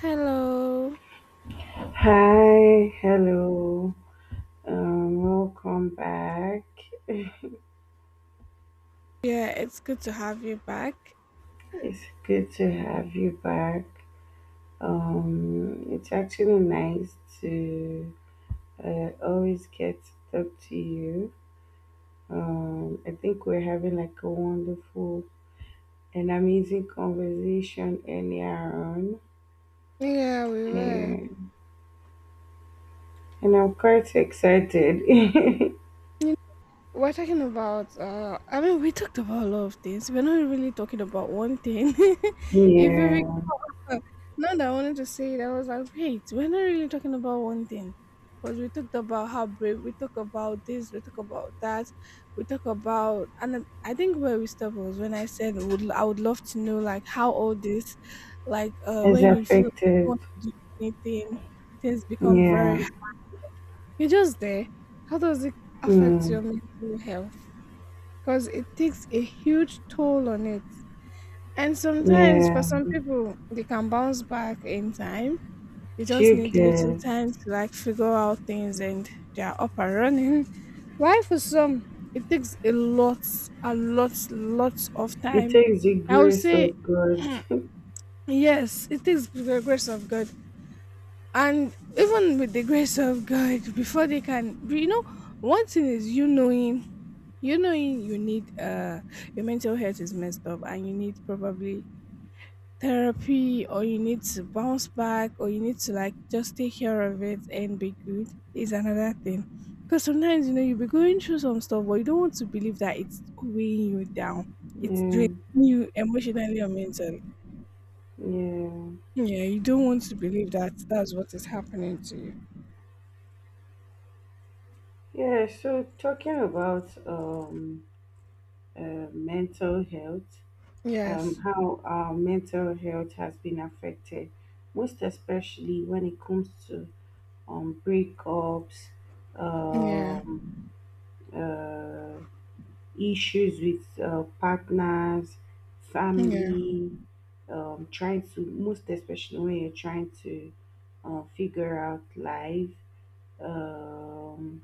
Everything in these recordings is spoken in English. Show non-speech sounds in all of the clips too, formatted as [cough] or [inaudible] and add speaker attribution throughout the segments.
Speaker 1: Hello.
Speaker 2: Hi, hello, welcome back.
Speaker 1: Yeah, it's good to have you back.
Speaker 2: It's good to have you back. It's actually nice to always get to talk to you. I think we're having like a wonderful and amazing conversation earlier on.
Speaker 1: Yeah, we were.
Speaker 2: Yeah. And I'm quite excited. [laughs]
Speaker 1: You know, we're talking about I mean, we talked about a lot of things. We're not really talking about one thing. [laughs] if you
Speaker 2: Yeah,
Speaker 1: Uh, Now that I wanted to say that I was like, wait, we're not really talking about one thing. Because we talked about how brave, we talk about this, we talk about that, we talk about, and I think where we stopped was when I said would I would love to know like how all this, like
Speaker 2: it's
Speaker 1: when you feel like you
Speaker 2: affected.
Speaker 1: want to do anything, things become very
Speaker 2: Yeah.
Speaker 1: you're just there. How does it affect your
Speaker 2: Mm.
Speaker 1: mental health? Because it takes a huge toll on it. And sometimes for
Speaker 2: Yeah.
Speaker 1: some people, they can bounce back in time, you
Speaker 2: Do
Speaker 1: just
Speaker 2: you
Speaker 1: need little
Speaker 2: guys?
Speaker 1: time to like figure out things and they are up and running. [laughs] Why for some it takes a lot, lots of
Speaker 2: It
Speaker 1: time.
Speaker 2: takes the
Speaker 1: I would
Speaker 2: grace
Speaker 1: say
Speaker 2: of God. [laughs]
Speaker 1: yes, it takes the grace of God. And even with the grace of God, before they can one thing is you knowing you need your mental health is messed up and you need probably therapy or you need to bounce back or you need to like just take care of it and be good is another thing. Because sometimes, you'll be going through some stuff, but you don't want to believe that it's weighing you down. It's
Speaker 2: Yeah,
Speaker 1: draining you emotionally or mentally.
Speaker 2: yeah,
Speaker 1: Yeah, you don't want to believe that that's what is happening to you.
Speaker 2: yeah. So talking about mental health,
Speaker 1: Yes.
Speaker 2: how our mental health has been affected, most especially when it comes to breakups,
Speaker 1: Yeah.
Speaker 2: um, uh, issues with partners,
Speaker 1: Yeah.
Speaker 2: family, trying to, most especially when you're trying to figure out life. Um,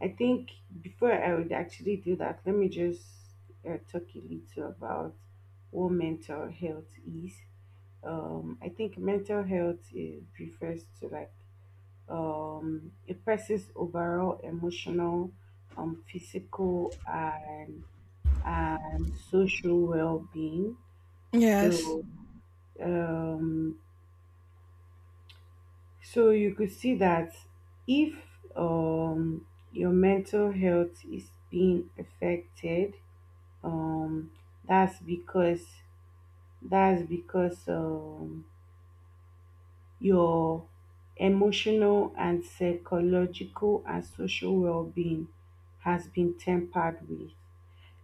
Speaker 2: I think before I would actually do that, let me just talk a little about what mental health is. I think mental health refers to like a person's overall emotional, physical, and social well-being.
Speaker 1: Yes.
Speaker 2: So um, So you could see that if um, your mental health is being affected, um, that's because that's because your emotional and psychological and social well-being has been tempered with.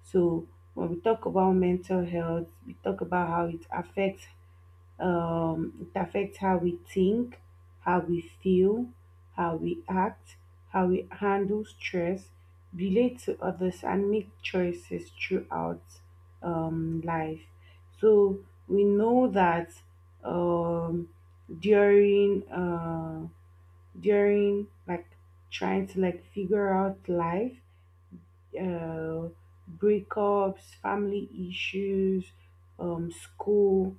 Speaker 2: So when we talk about mental health, we talk about how it affects how we think, how we feel, how we act, how we handle stress, relate to others, and make choices throughout life. So we know that um, during uh, during like trying to like figure out life, uh, breakups, family issues, school.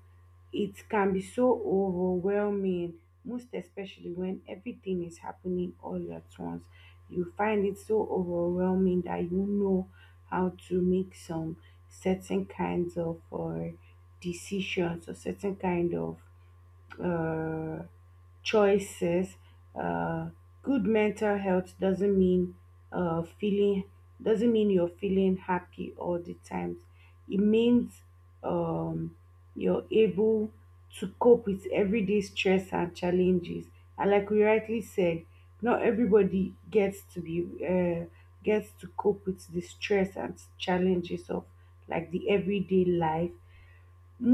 Speaker 2: It can be so overwhelming, most especially when everything is happening all at once. You find it so overwhelming that you don't know how to make some certain kinds of decisions or certain kind of uh, choices. Uh, good mental health uh, feeling doesn't mean you're feeling happy all the time. It means um, you're able to cope with everyday stress and challenges. And like we rightly said, not everybody gets to cope with the stress and challenges of like the everyday life,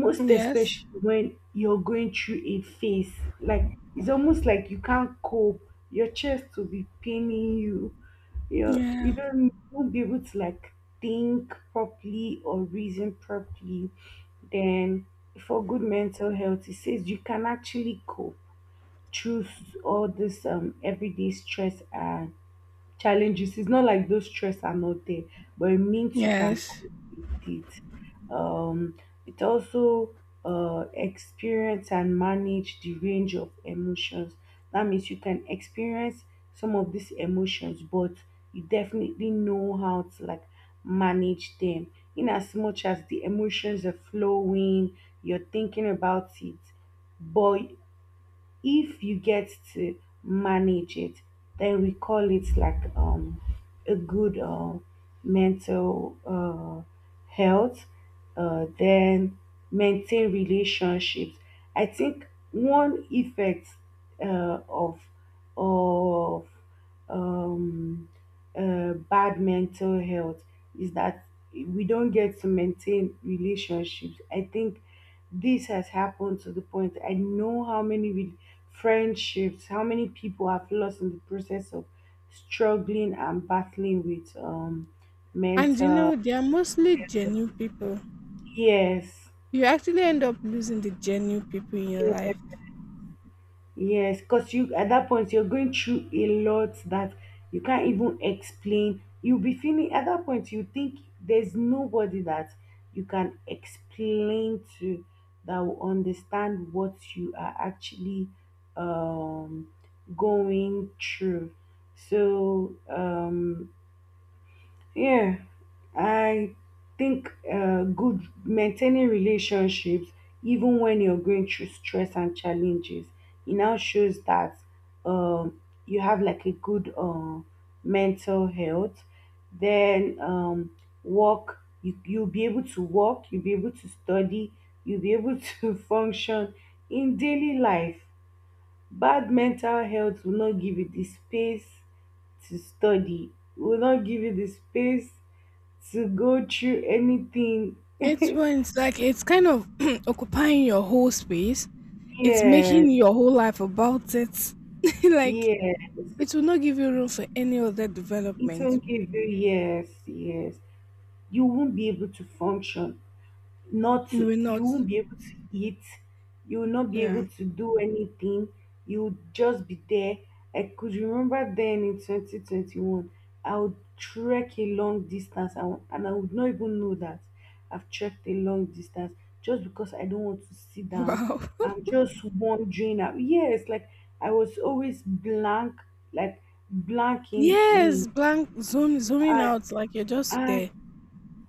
Speaker 2: most
Speaker 1: Yes.
Speaker 2: especially when you're going through a phase like it's almost like you can't cope, your chest will be paining you, you
Speaker 1: Yeah.
Speaker 2: don't you won't be able to like think properly or reason properly. Then for good mental health, it says you can actually cope through all this everyday stress and challenges. It's not like those stress are not there, but it means you can
Speaker 1: Yes.
Speaker 2: cope with it. Um, it also experience and manage the range of emotions. That means you can experience some of these emotions, but you definitely know how to like manage them. In as much as the emotions are flowing, you're thinking about it, but if you get to manage it, then we call it like a good mental health, then maintain relationships. I think one effect uh, of of um, bad mental health is that we don't get to maintain relationships. I think this has happened to the point I know how many friendships, how many people have lost in the process of struggling and battling with
Speaker 1: And
Speaker 2: mental.
Speaker 1: they are mostly genuine people.
Speaker 2: Yes,
Speaker 1: You actually end up losing the genuine people in your life.
Speaker 2: yes. Yes, because you at that point you're going through a lot that you can't even explain. You'll be feeling at that point you think there's nobody that you can explain to that will understand what you are actually um going through. So yeah, I think good maintaining relationships, even when you're going through stress and challenges, it now shows that you have like a good mental health. Then work, you'll be able to work, you'll be able to study, you'll be able [laughs] to function in daily life. Bad mental health will not give you the space to study, will not give you the space to go through anything.
Speaker 1: It's when it's like it's kind of [clears throat] occupying your whole space. It's
Speaker 2: [laughs] Yes,
Speaker 1: making your whole life about it. [laughs] Like
Speaker 2: yes.
Speaker 1: it will not give you room for any other
Speaker 2: It
Speaker 1: development.
Speaker 2: won't give you, yes, yes. You won't be able to function. Not,
Speaker 1: You will
Speaker 2: you
Speaker 1: not.
Speaker 2: won't be able to eat, you will not be able
Speaker 1: Yeah. [laughs]
Speaker 2: to do anything, you would just be there. I could remember then in 2021, I would trek a long distance. And I would not even know that I've trekked a long distance, just because I don't want to sit down.
Speaker 1: Wow.
Speaker 2: I'm just wondering, yes, like I was always blank, like blanking in
Speaker 1: Yes, blank, zooming
Speaker 2: and
Speaker 1: out like you're just
Speaker 2: and,
Speaker 1: there.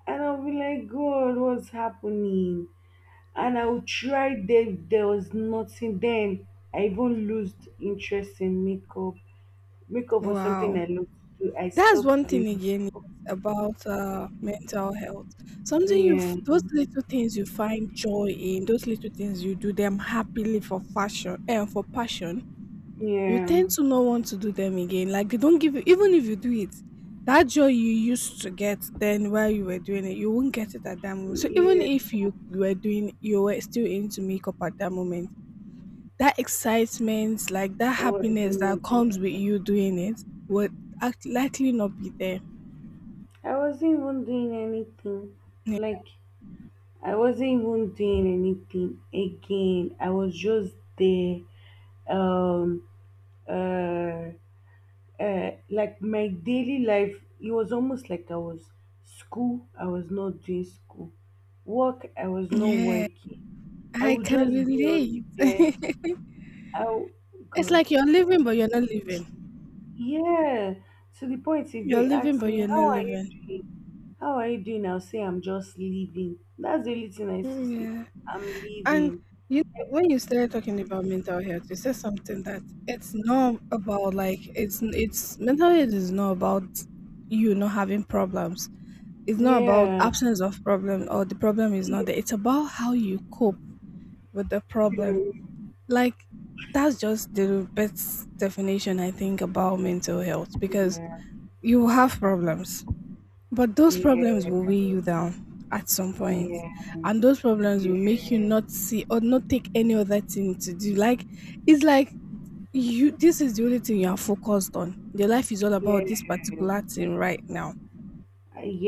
Speaker 2: and I'll be like, God, what's happening? And I would try, then there was nothing. Then I even lost interest in makeup. Makeup was something
Speaker 1: Wow.
Speaker 2: I loved to do. I
Speaker 1: That's
Speaker 2: stopped
Speaker 1: one thing
Speaker 2: doing.
Speaker 1: again about mental health. Something
Speaker 2: Yeah,
Speaker 1: those little things you find joy in, those little things you do them happily for fashion and for passion, you
Speaker 2: yeah,
Speaker 1: tend to not want to do them again. Like they don't give you, even if you do it, that joy you used to get then while you were doing it, you won't get it at that moment. So even
Speaker 2: yeah.
Speaker 1: if you were doing, you were still into makeup at that moment, that excitement, like that
Speaker 2: Or it's
Speaker 1: happiness that
Speaker 2: not
Speaker 1: comes
Speaker 2: there.
Speaker 1: with you doing it, would act likely not be there.
Speaker 2: I wasn't even doing anything.
Speaker 1: Yeah,
Speaker 2: Like I wasn't even doing anything again. I was just there. Um uh like my daily life, it was almost like I was school, I was not doing school. Work, I was not
Speaker 1: yeah,
Speaker 2: working. I
Speaker 1: I
Speaker 2: would
Speaker 1: can
Speaker 2: just be on
Speaker 1: relate.
Speaker 2: the bed.
Speaker 1: [laughs]
Speaker 2: Oh,
Speaker 1: It's
Speaker 2: good.
Speaker 1: like you're living, but you're not living.
Speaker 2: Yeah. To the point, if
Speaker 1: You're
Speaker 2: they
Speaker 1: living,
Speaker 2: ask
Speaker 1: but
Speaker 2: me,
Speaker 1: you're not
Speaker 2: how are you
Speaker 1: living.
Speaker 2: doing? How are you doing? I'll say, I'm just leaving. That's the only thing I used to say.
Speaker 1: Yeah.
Speaker 2: I'm
Speaker 1: And
Speaker 2: leaving.
Speaker 1: you know, when you started talking about mental health, you said something that it's not about like it's mental health is not about you not having problems. It's not about
Speaker 2: Yeah.
Speaker 1: absence of problem or the problem is
Speaker 2: Yeah.
Speaker 1: not there. It's about how you cope with the problem. Like that's just the best definition I think about mental health because
Speaker 2: Yeah.
Speaker 1: you have problems but those problems will weigh you down at some point,
Speaker 2: Yeah.
Speaker 1: and those problems will make you not see or not take any other thing to do. Like it's like you, this is the only thing you are focused on. Your life is all
Speaker 2: Yeah.
Speaker 1: about this particular
Speaker 2: Yeah.
Speaker 1: thing right now.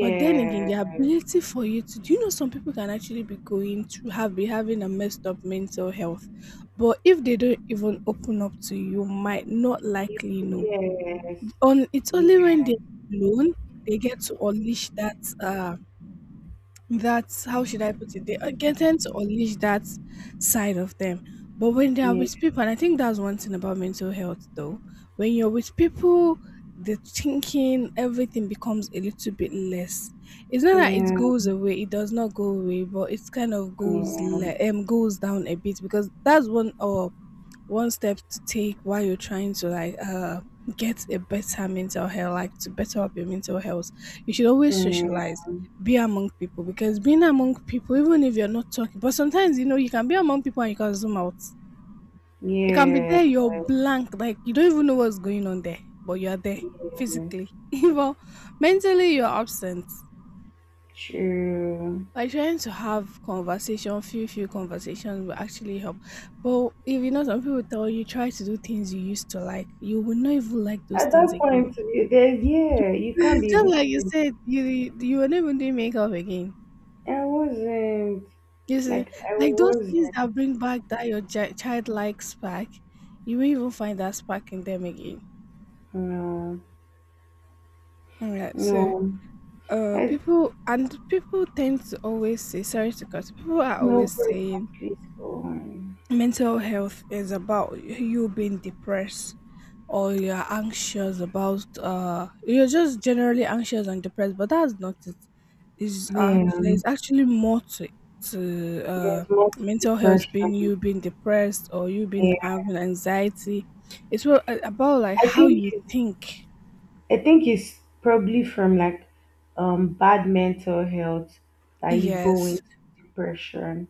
Speaker 1: But then again, the ability for you to do, you know, some people can actually be going to have be having a messed up mental health. But if they don't even open up to you, you might not
Speaker 2: yes,
Speaker 1: likely know.
Speaker 2: yeah,
Speaker 1: On, it's only
Speaker 2: yeah,
Speaker 1: when they're alone they get to unleash that uh that's how should I put it? They get tend to unleash that side of them. But when they are with people, and I think that's one thing about mental health though, when you're with people, the thinking, everything becomes a little bit less. It's not that it
Speaker 2: yeah,
Speaker 1: goes away, it does not go away, but it's kind of goes
Speaker 2: yeah,
Speaker 1: goes down a bit because that's one of one step to take while you're trying to like get a better mental health, like to better up your mental health. You should always socialize, be among people because being among people, even if you're not talking, but sometimes you know you can be among people and you can zoom out. You can be
Speaker 2: yeah,
Speaker 1: there,
Speaker 2: yes,
Speaker 1: you're blank, like you don't even know what's going on there, but you are there physically.
Speaker 2: yes.
Speaker 1: [laughs] But mentally you're absent.
Speaker 2: True.
Speaker 1: Like trying to have conversation, few conversations will actually help. But if you know, some people tell you try to do things you used to like, you will not even like those
Speaker 2: At
Speaker 1: things
Speaker 2: that
Speaker 1: again.
Speaker 2: point, there's, yeah, you
Speaker 1: [laughs]
Speaker 2: can't be
Speaker 1: Just
Speaker 2: able
Speaker 1: like you
Speaker 2: to.
Speaker 1: said, you will not even do makeup again.
Speaker 2: I wasn't,
Speaker 1: You see,
Speaker 2: like, I
Speaker 1: like those things
Speaker 2: wasn't.
Speaker 1: that bring back that your childlike spark, you won't even find that spark in them again.
Speaker 2: No,
Speaker 1: Alright, so
Speaker 2: no, I
Speaker 1: people and people tend to always say sorry to cut. People are
Speaker 2: no
Speaker 1: always
Speaker 2: break
Speaker 1: saying
Speaker 2: at least for one.
Speaker 1: mental health is about you being depressed or you're anxious about you're just generally anxious and depressed but that's not it is there's
Speaker 2: Yeah,
Speaker 1: actually more to to uh
Speaker 2: there's more to
Speaker 1: mental health being
Speaker 2: depression.
Speaker 1: you being depressed or you being
Speaker 2: Yeah,
Speaker 1: having anxiety, it's what, about like
Speaker 2: I
Speaker 1: how
Speaker 2: think
Speaker 1: you
Speaker 2: it's
Speaker 1: think.
Speaker 2: I think it's probably from like bad mental health that you go
Speaker 1: Yes,
Speaker 2: into depression.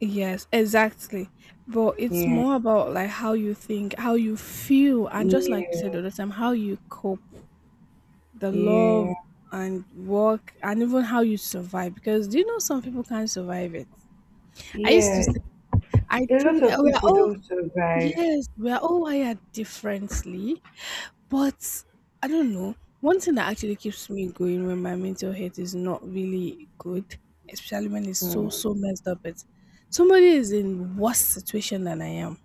Speaker 1: yes, exactly. But it's
Speaker 2: Yeah.
Speaker 1: more about like how you think, how you feel, and just like you said the
Speaker 2: Yeah.
Speaker 1: other time, how you cope, the love
Speaker 2: Yeah.
Speaker 1: and work and even how you survive because, do you know, some people can't survive it. I used to
Speaker 2: Yeah.
Speaker 1: say, I
Speaker 2: A lot
Speaker 1: think
Speaker 2: of
Speaker 1: we're
Speaker 2: people
Speaker 1: all,
Speaker 2: don't survive.
Speaker 1: yes, we're all wired differently but I don't know, one thing that actually keeps me going when my mental health is not really good, especially when it's so
Speaker 2: Mm.
Speaker 1: so messed up, it's somebody is in worse situation than I am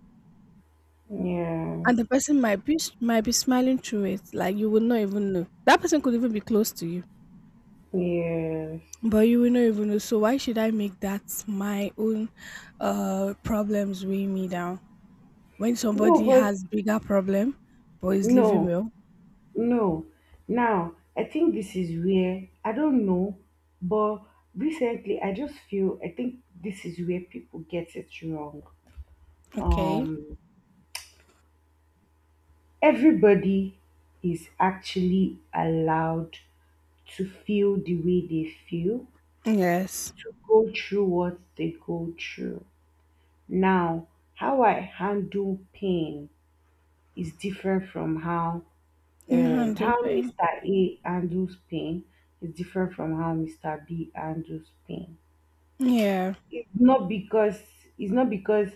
Speaker 2: Yeah.
Speaker 1: and the person might be smiling through it like you would not even know that person could even be close to you.
Speaker 2: Yes.
Speaker 1: But you will not even know. So why should I make that my own problems weigh me down? When
Speaker 2: No,
Speaker 1: somebody
Speaker 2: but
Speaker 1: has bigger problem but is living
Speaker 2: no,
Speaker 1: well.
Speaker 2: no. Now, I think this is where I don't know, but recently I just feel, I think, this is where people get it wrong.
Speaker 1: Okay.
Speaker 2: Um Everybody is actually allowed to feel the way they feel,
Speaker 1: Yes.
Speaker 2: to go through what they go through. Now, how I handle pain is different from how
Speaker 1: You handle pain.
Speaker 2: Mr. A handles pain is different from how Mr. B handles pain.
Speaker 1: Yeah.
Speaker 2: it's not because it's not because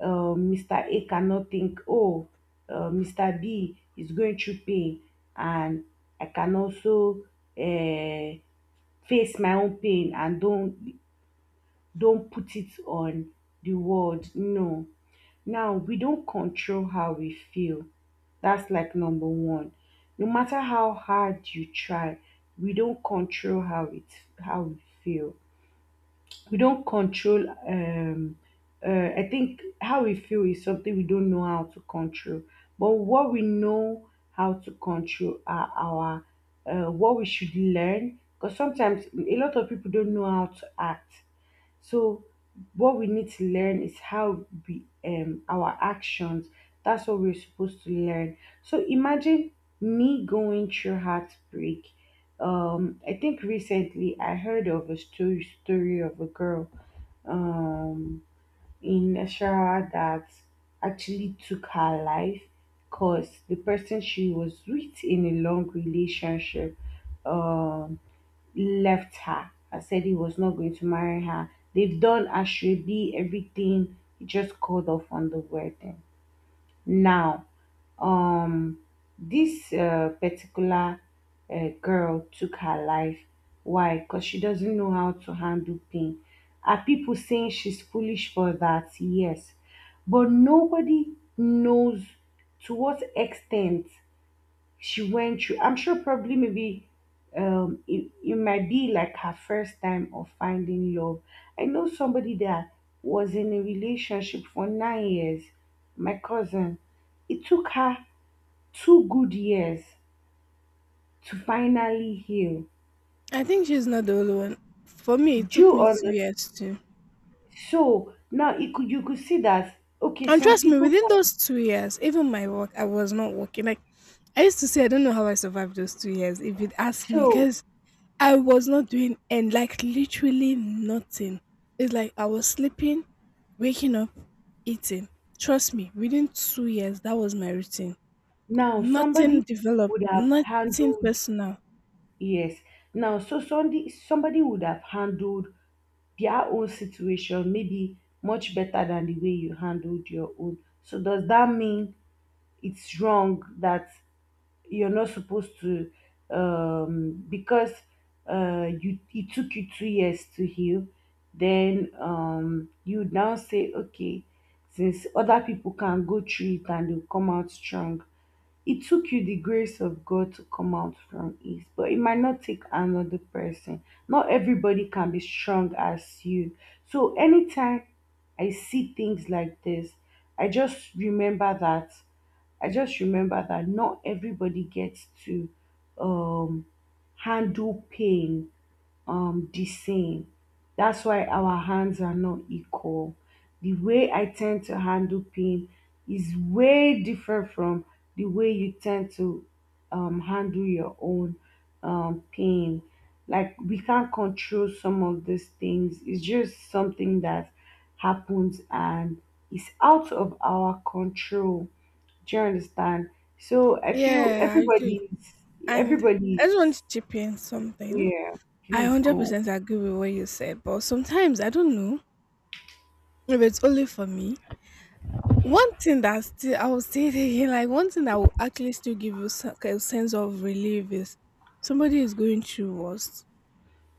Speaker 2: Mr. A cannot think, oh, Mr. B is going through pain, and I can also uh, face my own pain and don't put it on the world. No, now we don't control how we feel. That's like number one. No matter how hard you try, we don't control how we feel, we don't control I think how we feel is something we don't know how to control, but what we know how to control are our what we should learn, because sometimes a lot of people don't know how to act, so what we need to learn is how we our actions. That's what we're supposed to learn. So imagine me going through heartbreak. I think recently I heard of a story of a girl um in Ashara that actually took her life, because the person she was with in a long relationship um left her and said he was not going to marry her. They've done ashrebi, everything. He just called off on the wedding. Now, um, this particular girl took her life. Why? Because she doesn't know how to handle pain. Are people saying she's foolish for that? Yes. But nobody knows to what extent she went through. I'm sure, probably maybe, it might be like her first time of finding love. I know somebody that was in a relationship for 9 years, my cousin. It took her two good years to finally heal.
Speaker 1: I think she's not the only one. For me, it
Speaker 2: Do
Speaker 1: took
Speaker 2: you
Speaker 1: me two
Speaker 2: understand?
Speaker 1: years too.
Speaker 2: So now you could see that, okay,
Speaker 1: And
Speaker 2: some
Speaker 1: trust me,
Speaker 2: people
Speaker 1: within
Speaker 2: can.
Speaker 1: those two years, even my work, I was not working. Like I used to say, I don't know how I survived those two years. If you'd ask me,
Speaker 2: So
Speaker 1: because I was not doing and like literally nothing. It's like I was sleeping, waking up, eating. Trust me, within two years that was my routine.
Speaker 2: now
Speaker 1: Nothing
Speaker 2: somebody
Speaker 1: developed,
Speaker 2: would have
Speaker 1: nothing
Speaker 2: handled,
Speaker 1: personal.
Speaker 2: yes. Now, so somebody would have handled their own situation maybe much better than the way you handled your own. So does that mean it's wrong that you're not supposed to, because you it took you 2 years to heal, then you now say, okay, since other people can go through it and they'll come out strong, it took you the grace of God to come out from it, but it might not take another person. Not everybody can be strong as you. So anytime I see things like this, I just remember that. I just remember that not everybody gets to um, handle pain the same. That's why our hands are not equal. The way I tend to handle pain is way different from the way you tend to handle your own pain. Like we can't control some of these things. It's just something that happens and is out of our control. Do you understand? So I feel
Speaker 1: Yeah, I do.
Speaker 2: everybody's
Speaker 1: And I
Speaker 2: everybody's
Speaker 1: just want to chip in something.
Speaker 2: yeah.
Speaker 1: I
Speaker 2: Please go.
Speaker 1: 100% agree with what you said, but sometimes I don't know if it's only for me. One thing that still I will say it again, [laughs] like one thing that will actually still give you a sense of relief is somebody is going through worst.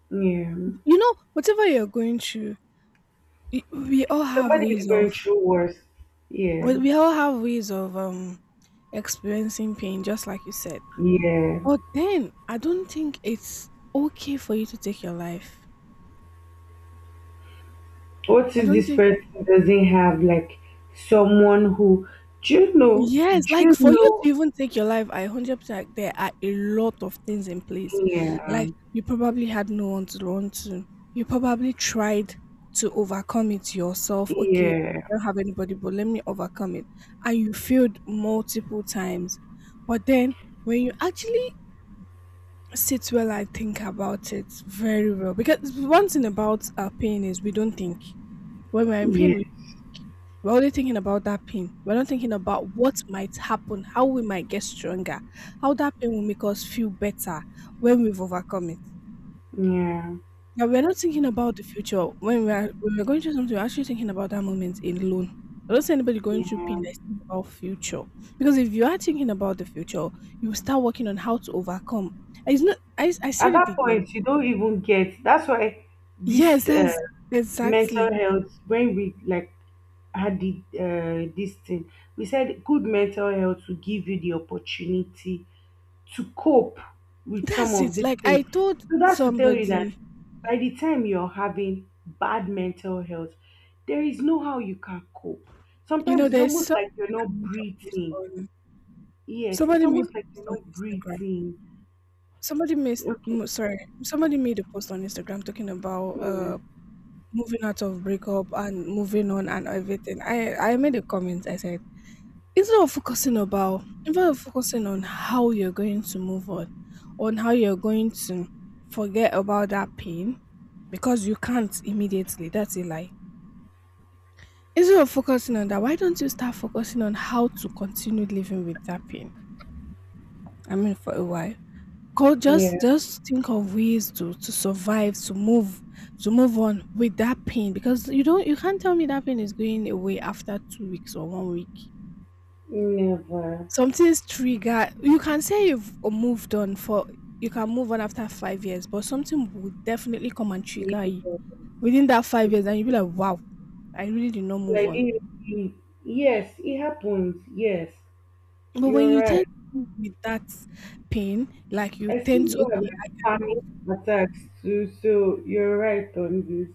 Speaker 2: Yeah.
Speaker 1: You know, whatever you're going through, we all have
Speaker 2: Somebody
Speaker 1: ways
Speaker 2: is
Speaker 1: of
Speaker 2: going through worse. Yeah.
Speaker 1: we all have ways of experiencing pain, just like you said.
Speaker 2: Yeah.
Speaker 1: But then I don't think it's okay for you to take your life.
Speaker 2: What
Speaker 1: I
Speaker 2: if
Speaker 1: don't
Speaker 2: this
Speaker 1: think.
Speaker 2: person doesn't have like someone who, do you know
Speaker 1: Yes,
Speaker 2: do
Speaker 1: like
Speaker 2: you
Speaker 1: for you to
Speaker 2: know
Speaker 1: even take your life, I 100% there are a lot of things in place.
Speaker 2: yeah.
Speaker 1: Like you probably had no one to run to. You probably tried to overcome it yourself. Okay,
Speaker 2: Yeah.
Speaker 1: I don't have anybody, but let me overcome it. And you failed multiple times. But then when you actually sit well and think about it very well, because one thing about our pain is we don't think. When we're in pain,
Speaker 2: Yeah.
Speaker 1: we're only thinking about that pain. We're not thinking about what might happen, how we might get stronger, how that pain will make us feel better when we've overcome it.
Speaker 2: Yeah.
Speaker 1: Yeah, we're not thinking about the future. When we're, when we're going through something, we're actually thinking about that moment alone. I don't see anybody going through pain
Speaker 2: Yeah.
Speaker 1: that's thinking about future. Because if you are thinking about the future, you will start working on how to overcome. It's not I said
Speaker 2: At
Speaker 1: it
Speaker 2: that
Speaker 1: again.
Speaker 2: point you don't even get, that's why
Speaker 1: Yes,
Speaker 2: this
Speaker 1: that's exactly.
Speaker 2: mental health, when we like had the this thing we said, good mental health will give you the opportunity to cope with some
Speaker 1: That's it.
Speaker 2: of these
Speaker 1: Like I
Speaker 2: things.
Speaker 1: told
Speaker 2: So that's to tell you that
Speaker 1: somebody,
Speaker 2: by the time you're having bad mental health, there is no how you can cope.
Speaker 1: you know,
Speaker 2: Sometimes it's
Speaker 1: there's
Speaker 2: almost
Speaker 1: something
Speaker 2: like you're not
Speaker 1: I made a post
Speaker 2: breathing.
Speaker 1: on.
Speaker 2: Yes, it's
Speaker 1: Somebody made a
Speaker 2: almost like
Speaker 1: post
Speaker 2: you're
Speaker 1: on
Speaker 2: not
Speaker 1: Instagram.
Speaker 2: breathing.
Speaker 1: Somebody made
Speaker 2: Okay.
Speaker 1: mm, sorry, Somebody made a post on Instagram talking about moving out of breakup and moving on and everything. I made a comment. I said, instead of focusing on how you're going to move on how you're going to forget about that pain, because you can't immediately. That's a lie. Instead of focusing on that, why don't you start focusing on how to continue living with that pain? I mean, for a while. Go
Speaker 2: Yeah, yeah.
Speaker 1: just think of ways to survive, to move on with that pain because you can't tell me that pain is going away after 2 weeks or 1 week.
Speaker 2: Never.
Speaker 1: Something's trigger. You can say you've moved on for you can move on after 5 years, but something will definitely come and trigger you
Speaker 2: Never.
Speaker 1: within that 5 years, and you'll be like, wow, I really did not move
Speaker 2: Like
Speaker 1: on.
Speaker 2: you, yes, it happens. Yes,
Speaker 1: But when
Speaker 2: you're
Speaker 1: you tend
Speaker 2: right.
Speaker 1: to live with that pain, like you
Speaker 2: I still
Speaker 1: tend to
Speaker 2: do have
Speaker 1: okay,
Speaker 2: like
Speaker 1: I
Speaker 2: panic
Speaker 1: cope.
Speaker 2: attacks too, so you're right on this.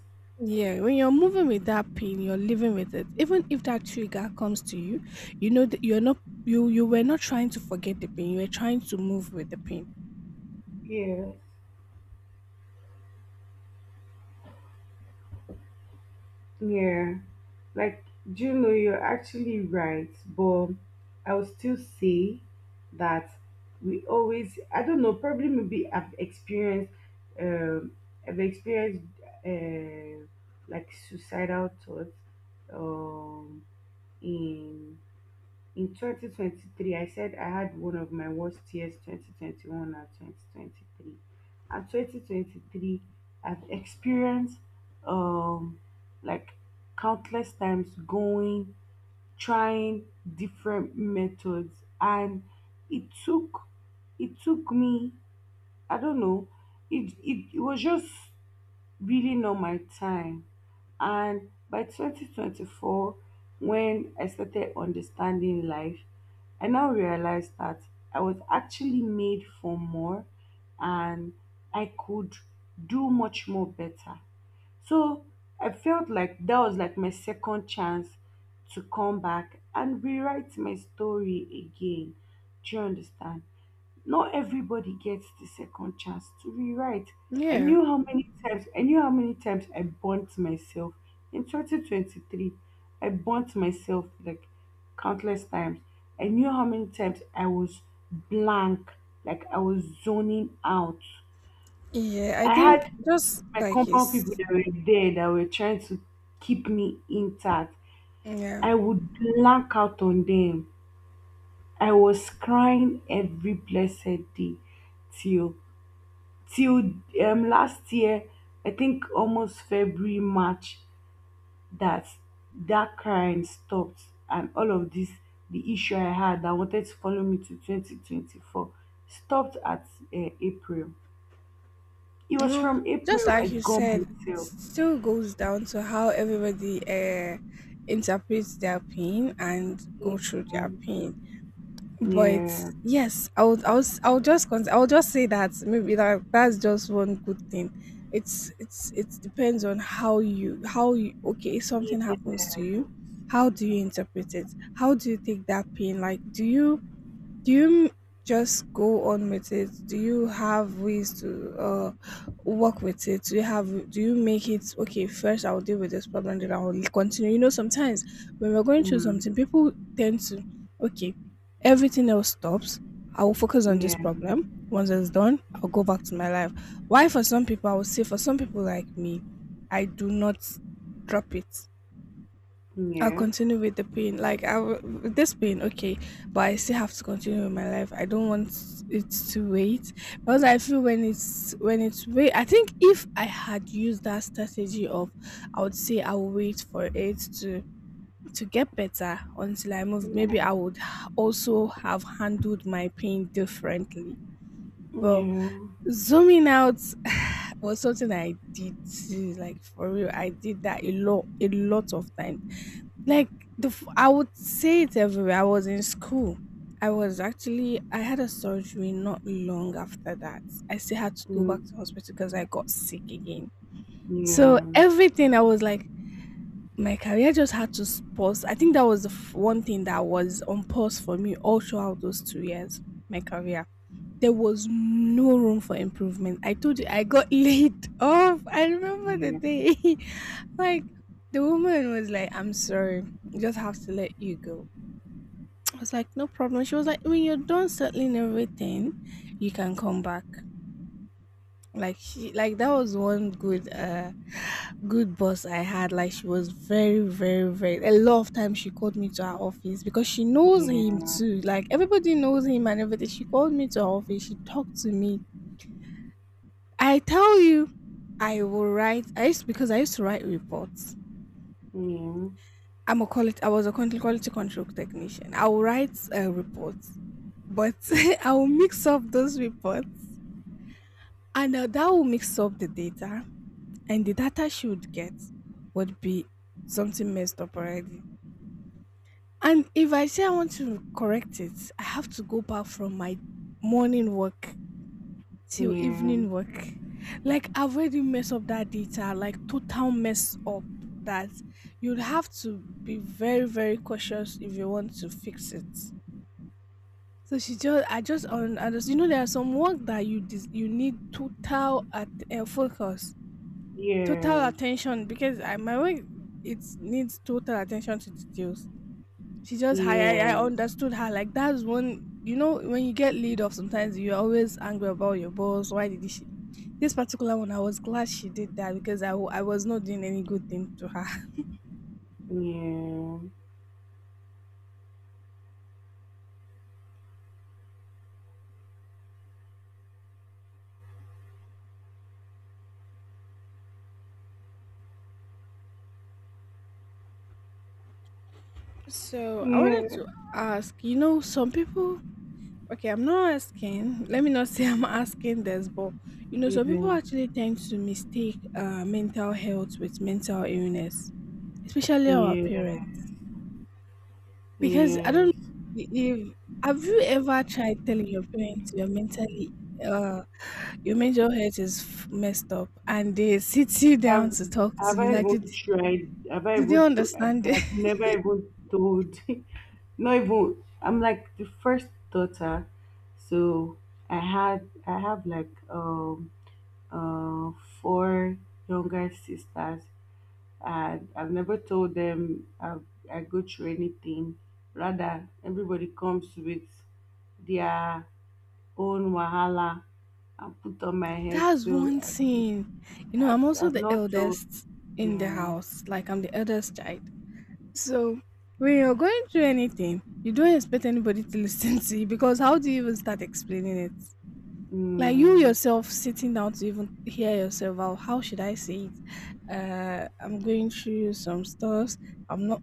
Speaker 1: Yeah, when you're moving with that pain, you're living with it. Even if that trigger comes to you, you know that you're not you were not trying to forget the pain. You were trying to move with the pain.
Speaker 2: Yeah, yeah. Like, do you know, you're actually right, but I would still say that we always, I don't know, probably maybe I've experienced, um, I've experienced, uh, like suicidal thoughts um, in In 2023. I said I had one of my worst years, 2021 and 2023. And 2023, I've experienced, um like, countless times going, trying different methods, and it took me, I don't know, it was just really not my time. And by 2024, when I started understanding life, I now realized that I was actually made for more and I could do much more better. So I felt like that was like my second chance to come back and rewrite my story again. Do you understand? Not everybody gets the second chance to rewrite.
Speaker 1: Yeah,
Speaker 2: I knew how many times I burnt myself in 2023. I burnt myself like countless times. I knew how many times I was blank, like I was zoning out.
Speaker 1: yeah. I
Speaker 2: I
Speaker 1: think
Speaker 2: had
Speaker 1: just
Speaker 2: my
Speaker 1: like you,
Speaker 2: compound people that were there that were trying to keep me intact.
Speaker 1: yeah,
Speaker 2: I would blank out on them. I was crying every blessed day till till last year, I think almost February, March, that that crying stopped, and all of this, the issue I had that wanted to follow me to 2024 stopped at April. It
Speaker 1: you
Speaker 2: was
Speaker 1: know,
Speaker 2: from
Speaker 1: just
Speaker 2: April I
Speaker 1: like you
Speaker 2: got
Speaker 1: said, it
Speaker 2: myself.
Speaker 1: still goes down to how everybody interprets their pain and go
Speaker 2: Yeah,
Speaker 1: through their pain.
Speaker 2: yeah,
Speaker 1: But
Speaker 2: yeah.
Speaker 1: yes, I would, I was, I would just, I would just say that maybe that's just one good thing. It depends on how you, how you. Okay, if something happens to you, how do you interpret it? How do you take that pain? Like, do you do you m- just go on with it? Do you have ways to work with it? Do you have do you make it okay, first I'll deal with this problem, then I'll continue. You know, sometimes when we're going through something,
Speaker 2: Mm,
Speaker 1: people tend to okay, everything else stops. I will focus on this
Speaker 2: yeah,
Speaker 1: problem. Once it's done, I'll go back to my life. Why for some people I would say for some people like me, I do not drop it. I'll
Speaker 2: yeah,
Speaker 1: continue with the pain. Like I will, with this pain, okay, but I still have to continue with my life. I don't want it to wait because I feel when it's wait. I think if I had used that strategy of, I would say I'll wait for it to get better until I move.
Speaker 2: yeah,
Speaker 1: Maybe I would also have handled my pain differently. But
Speaker 2: yeah,
Speaker 1: zooming out [sighs] was something I did too, like for real. I did that a lot of times like I would say it everywhere. I was in school. I was actually I had a surgery not long after that. I still had to go back to
Speaker 2: mm,
Speaker 1: hospital because I got sick again. So
Speaker 2: yeah,
Speaker 1: everything I was like my career just had to pause. I think that was the one thing that was on pause for me all throughout those 2 years, my career. There was no room for improvement. I told you I got [laughs] laid off. I remember the
Speaker 2: yeah,
Speaker 1: day. [laughs] Like the woman was like, I'm sorry, you just have to let you go. [tsk] I was like, no problem. She was like, when you're done settling everything, you can come back. Like she like that was one good good boss I had. Like she was very, very, very, a lot of times she called me to her office because she knows him too. Like everybody knows him and everything. She called me to her office, she talked to me. I tell you, I will write. I used because I used to write reports.
Speaker 2: yeah,
Speaker 1: I was a quality control technician. I will write reports, but [laughs] I will mix up those reports, and that will mix up the data, and the data she would get would be something messed up already. And if I say I want to correct it, I have to go back from my morning work
Speaker 2: yeah,
Speaker 1: till
Speaker 2: yeah,
Speaker 1: evening work. Like I've already messed up that data, like total mess up that you'd have to be very, very cautious if you want to fix it. So I just, you know, there are some work that you need total at focus, total
Speaker 2: yeah.
Speaker 1: attention because my work it needs total attention to details. She just I
Speaker 2: Yes,
Speaker 1: understood her. Like that's one you know, when you get laid off sometimes you're always angry about your boss. Why did she this particular one I was glad she did that because I was not doing any good thing to her. [laughs]
Speaker 2: yeah,
Speaker 1: So I wanted
Speaker 2: yeah,
Speaker 1: to ask, you know, some people okay, I'm not asking, let me not [laughs] say I'm asking this, but you know, some
Speaker 2: yeah,
Speaker 1: people actually tend to mistake mental health with mental illness, especially our
Speaker 2: yeah,
Speaker 1: parents. Because I don't know
Speaker 2: yes.
Speaker 1: if have you ever tried telling your parents you're mentally uh your mental health is messed up and they sit you down
Speaker 2: Have
Speaker 1: to talk to
Speaker 2: have
Speaker 1: you
Speaker 2: I
Speaker 1: like
Speaker 2: even tried? Have I
Speaker 1: did they
Speaker 2: even?
Speaker 1: understand it?
Speaker 2: I've never even told. [laughs] Not even. I'm like the first daughter, so I have like, uh four younger sisters, and I've never told them I go through anything. Rather, everybody comes with their own wahala and put on my
Speaker 1: [laughs]
Speaker 2: head.
Speaker 1: That's
Speaker 2: So
Speaker 1: one thing. You know, I'm also
Speaker 2: I've
Speaker 1: the
Speaker 2: not told.
Speaker 1: eldest in the
Speaker 2: Yeah,
Speaker 1: house. Like I'm the eldest child. So when you're going through anything, you don't expect anybody to [laughs] listen to you because how do you even start explaining it? Like you
Speaker 2: mm,
Speaker 1: yourself sitting down to even hear yourself out. How should I say it? I'm going through some stuff. I'm not.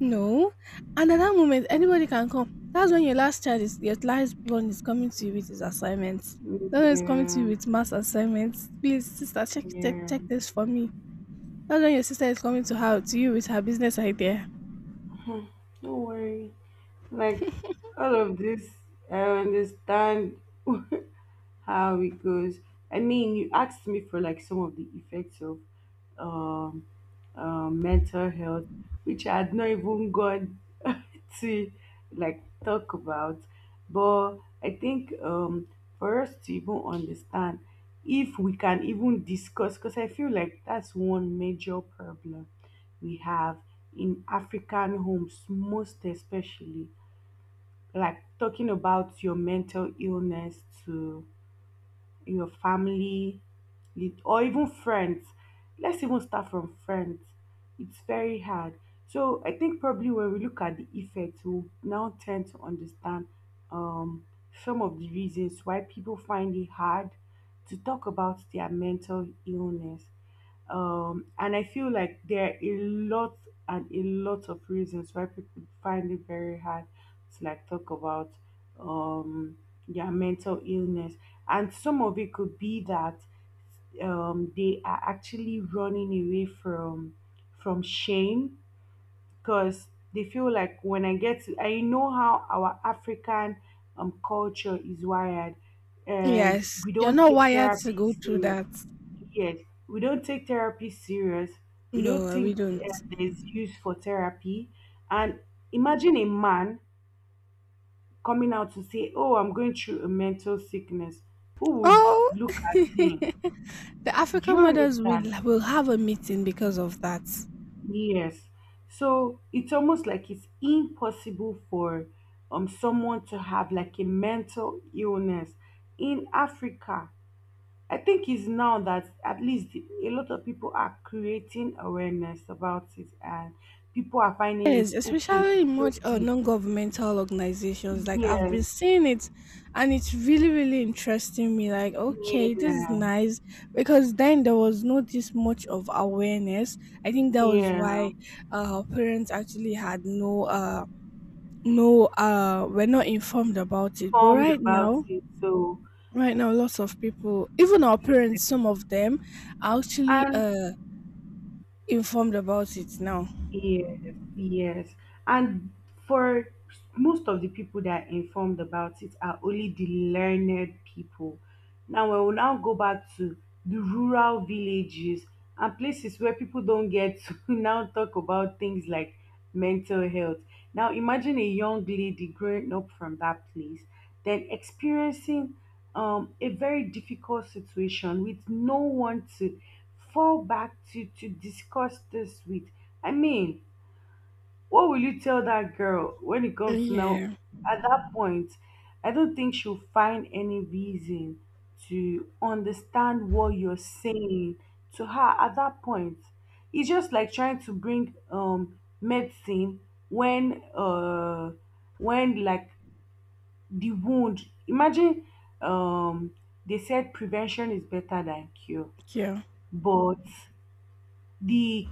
Speaker 1: No. And at that moment anybody can come. That's when your last child is your last born is coming to you with his assignments. That's when it's coming to
Speaker 2: yeah,
Speaker 1: you with mass assignments. Please sister, check check
Speaker 2: yeah.
Speaker 1: check this for me. That's when your sister is coming to her to you with her business idea.
Speaker 2: Don't worry. Like, all of this, I understand [laughs] how it goes. I mean, you asked me for like some of the effects of um mental health, which I had not even gone [laughs] to like talk about. But I think, for us to even understand, if we can even discuss, because I feel like that's one major problem we have in African homes, most especially, like talking about your mental illness to your family, or even friends. Let's even start from friends. It's very hard. So I think probably when we look at the effects, we'll now tend to understand, um, some of the reasons why people find it hard to talk about their mental illness. And I feel like there are a lot and a lot of reasons why people find it very hard to like talk about, um, their mental illness. And some of it could be that, they are actually running away from shame, because they feel like when I get to, I know how our African, culture is wired.
Speaker 1: Yes,
Speaker 2: We
Speaker 1: you're
Speaker 2: don't
Speaker 1: not
Speaker 2: take
Speaker 1: wired to
Speaker 2: therapy
Speaker 1: go through
Speaker 2: serious.
Speaker 1: that.
Speaker 2: Yes, we don't take therapy serious. We
Speaker 1: No,
Speaker 2: don't
Speaker 1: we
Speaker 2: think
Speaker 1: don't.
Speaker 2: there's use for therapy. And imagine a man coming out to say, "Oh, I'm going through a mental sickness." Who would
Speaker 1: Oh.
Speaker 2: look at him?
Speaker 1: [laughs] The
Speaker 2: Do you
Speaker 1: African mothers will
Speaker 2: understand?
Speaker 1: will have a meeting because of that.
Speaker 2: Yes. So it's almost like it's impossible for someone to have like a mental illness in Africa. I think it's now that at least a lot of people are creating awareness about it and people are finding it
Speaker 1: Yes,
Speaker 2: okay.
Speaker 1: especially in
Speaker 2: It's
Speaker 1: much
Speaker 2: okay.
Speaker 1: non-governmental organizations. Like I've been
Speaker 2: Yes.
Speaker 1: seeing it, and it's really, really interesting me. Like, okay, this is
Speaker 2: Yeah.
Speaker 1: nice because then there was not this much of awareness. I think that was
Speaker 2: Yeah.
Speaker 1: why parents actually had no no were not informed about it. But
Speaker 2: Formed
Speaker 1: right
Speaker 2: about
Speaker 1: now,
Speaker 2: it. So
Speaker 1: right now, lots of people, even our parents, some of them, are actually
Speaker 2: and
Speaker 1: informed about it now.
Speaker 2: yes, yes. And for most of the people that are informed about it are only the learned people. Now, we will now go back to the rural villages and places where people don't get [laughs] to now talk about things like mental health. Now, imagine a young lady growing up from that place, then experiencing, a very difficult situation with no one to fall back to discuss this with. I mean, what will you tell that girl when it comes to now?
Speaker 1: Yeah,
Speaker 2: At that point, I don't think she'll find any reason to understand what you're saying to her at that point. It's just like trying to bring medicine when uh when like the wound, imagine, um they said prevention is better than cure,
Speaker 1: yeah,
Speaker 2: but the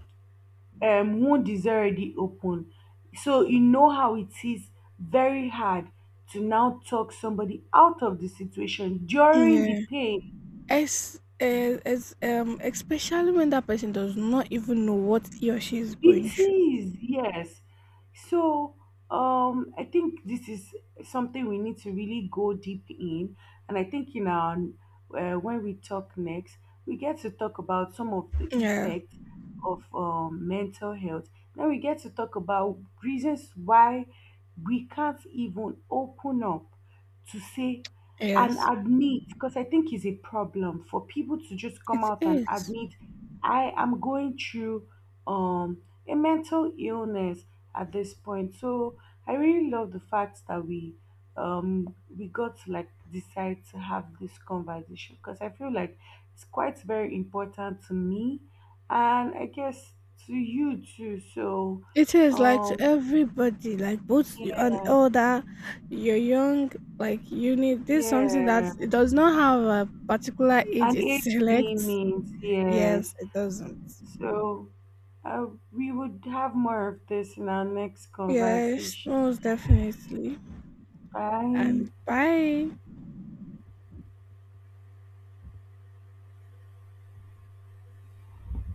Speaker 2: wound is already open. So you know how it is very hard to now talk somebody out of the situation during the
Speaker 1: yeah.
Speaker 2: pain.
Speaker 1: As Especially when that person does not even know what he or she is going
Speaker 2: It
Speaker 1: through.
Speaker 2: is, yes. So, I think this is something we need to really go deep in, and I think in our, when we talk next, we get to talk about some of the
Speaker 1: Yeah,
Speaker 2: effects of, mental health. Then we get to talk about reasons why we can't even open up to say and
Speaker 1: yes,
Speaker 2: admit, because I think it's a problem for people to just come
Speaker 1: it
Speaker 2: out and
Speaker 1: is.
Speaker 2: admit I am going through a mental illness at this point. So I really love the fact that we, we got to like decide to have this conversation, because I feel like it's quite very important to me, and I guess to you too. So,
Speaker 1: It is like to
Speaker 2: um
Speaker 1: everybody, like both you
Speaker 2: yeah,
Speaker 1: an older, you're young, like you need this something that
Speaker 2: yeah.
Speaker 1: it does not have a particular age
Speaker 2: And
Speaker 1: it
Speaker 2: age
Speaker 1: selects.
Speaker 2: limits, yes.
Speaker 1: Yes, it doesn't.
Speaker 2: So, Uh, we would have more of this in our next
Speaker 1: Yes,
Speaker 2: conversation.
Speaker 1: most definitely. And
Speaker 2: Bye.
Speaker 1: bye.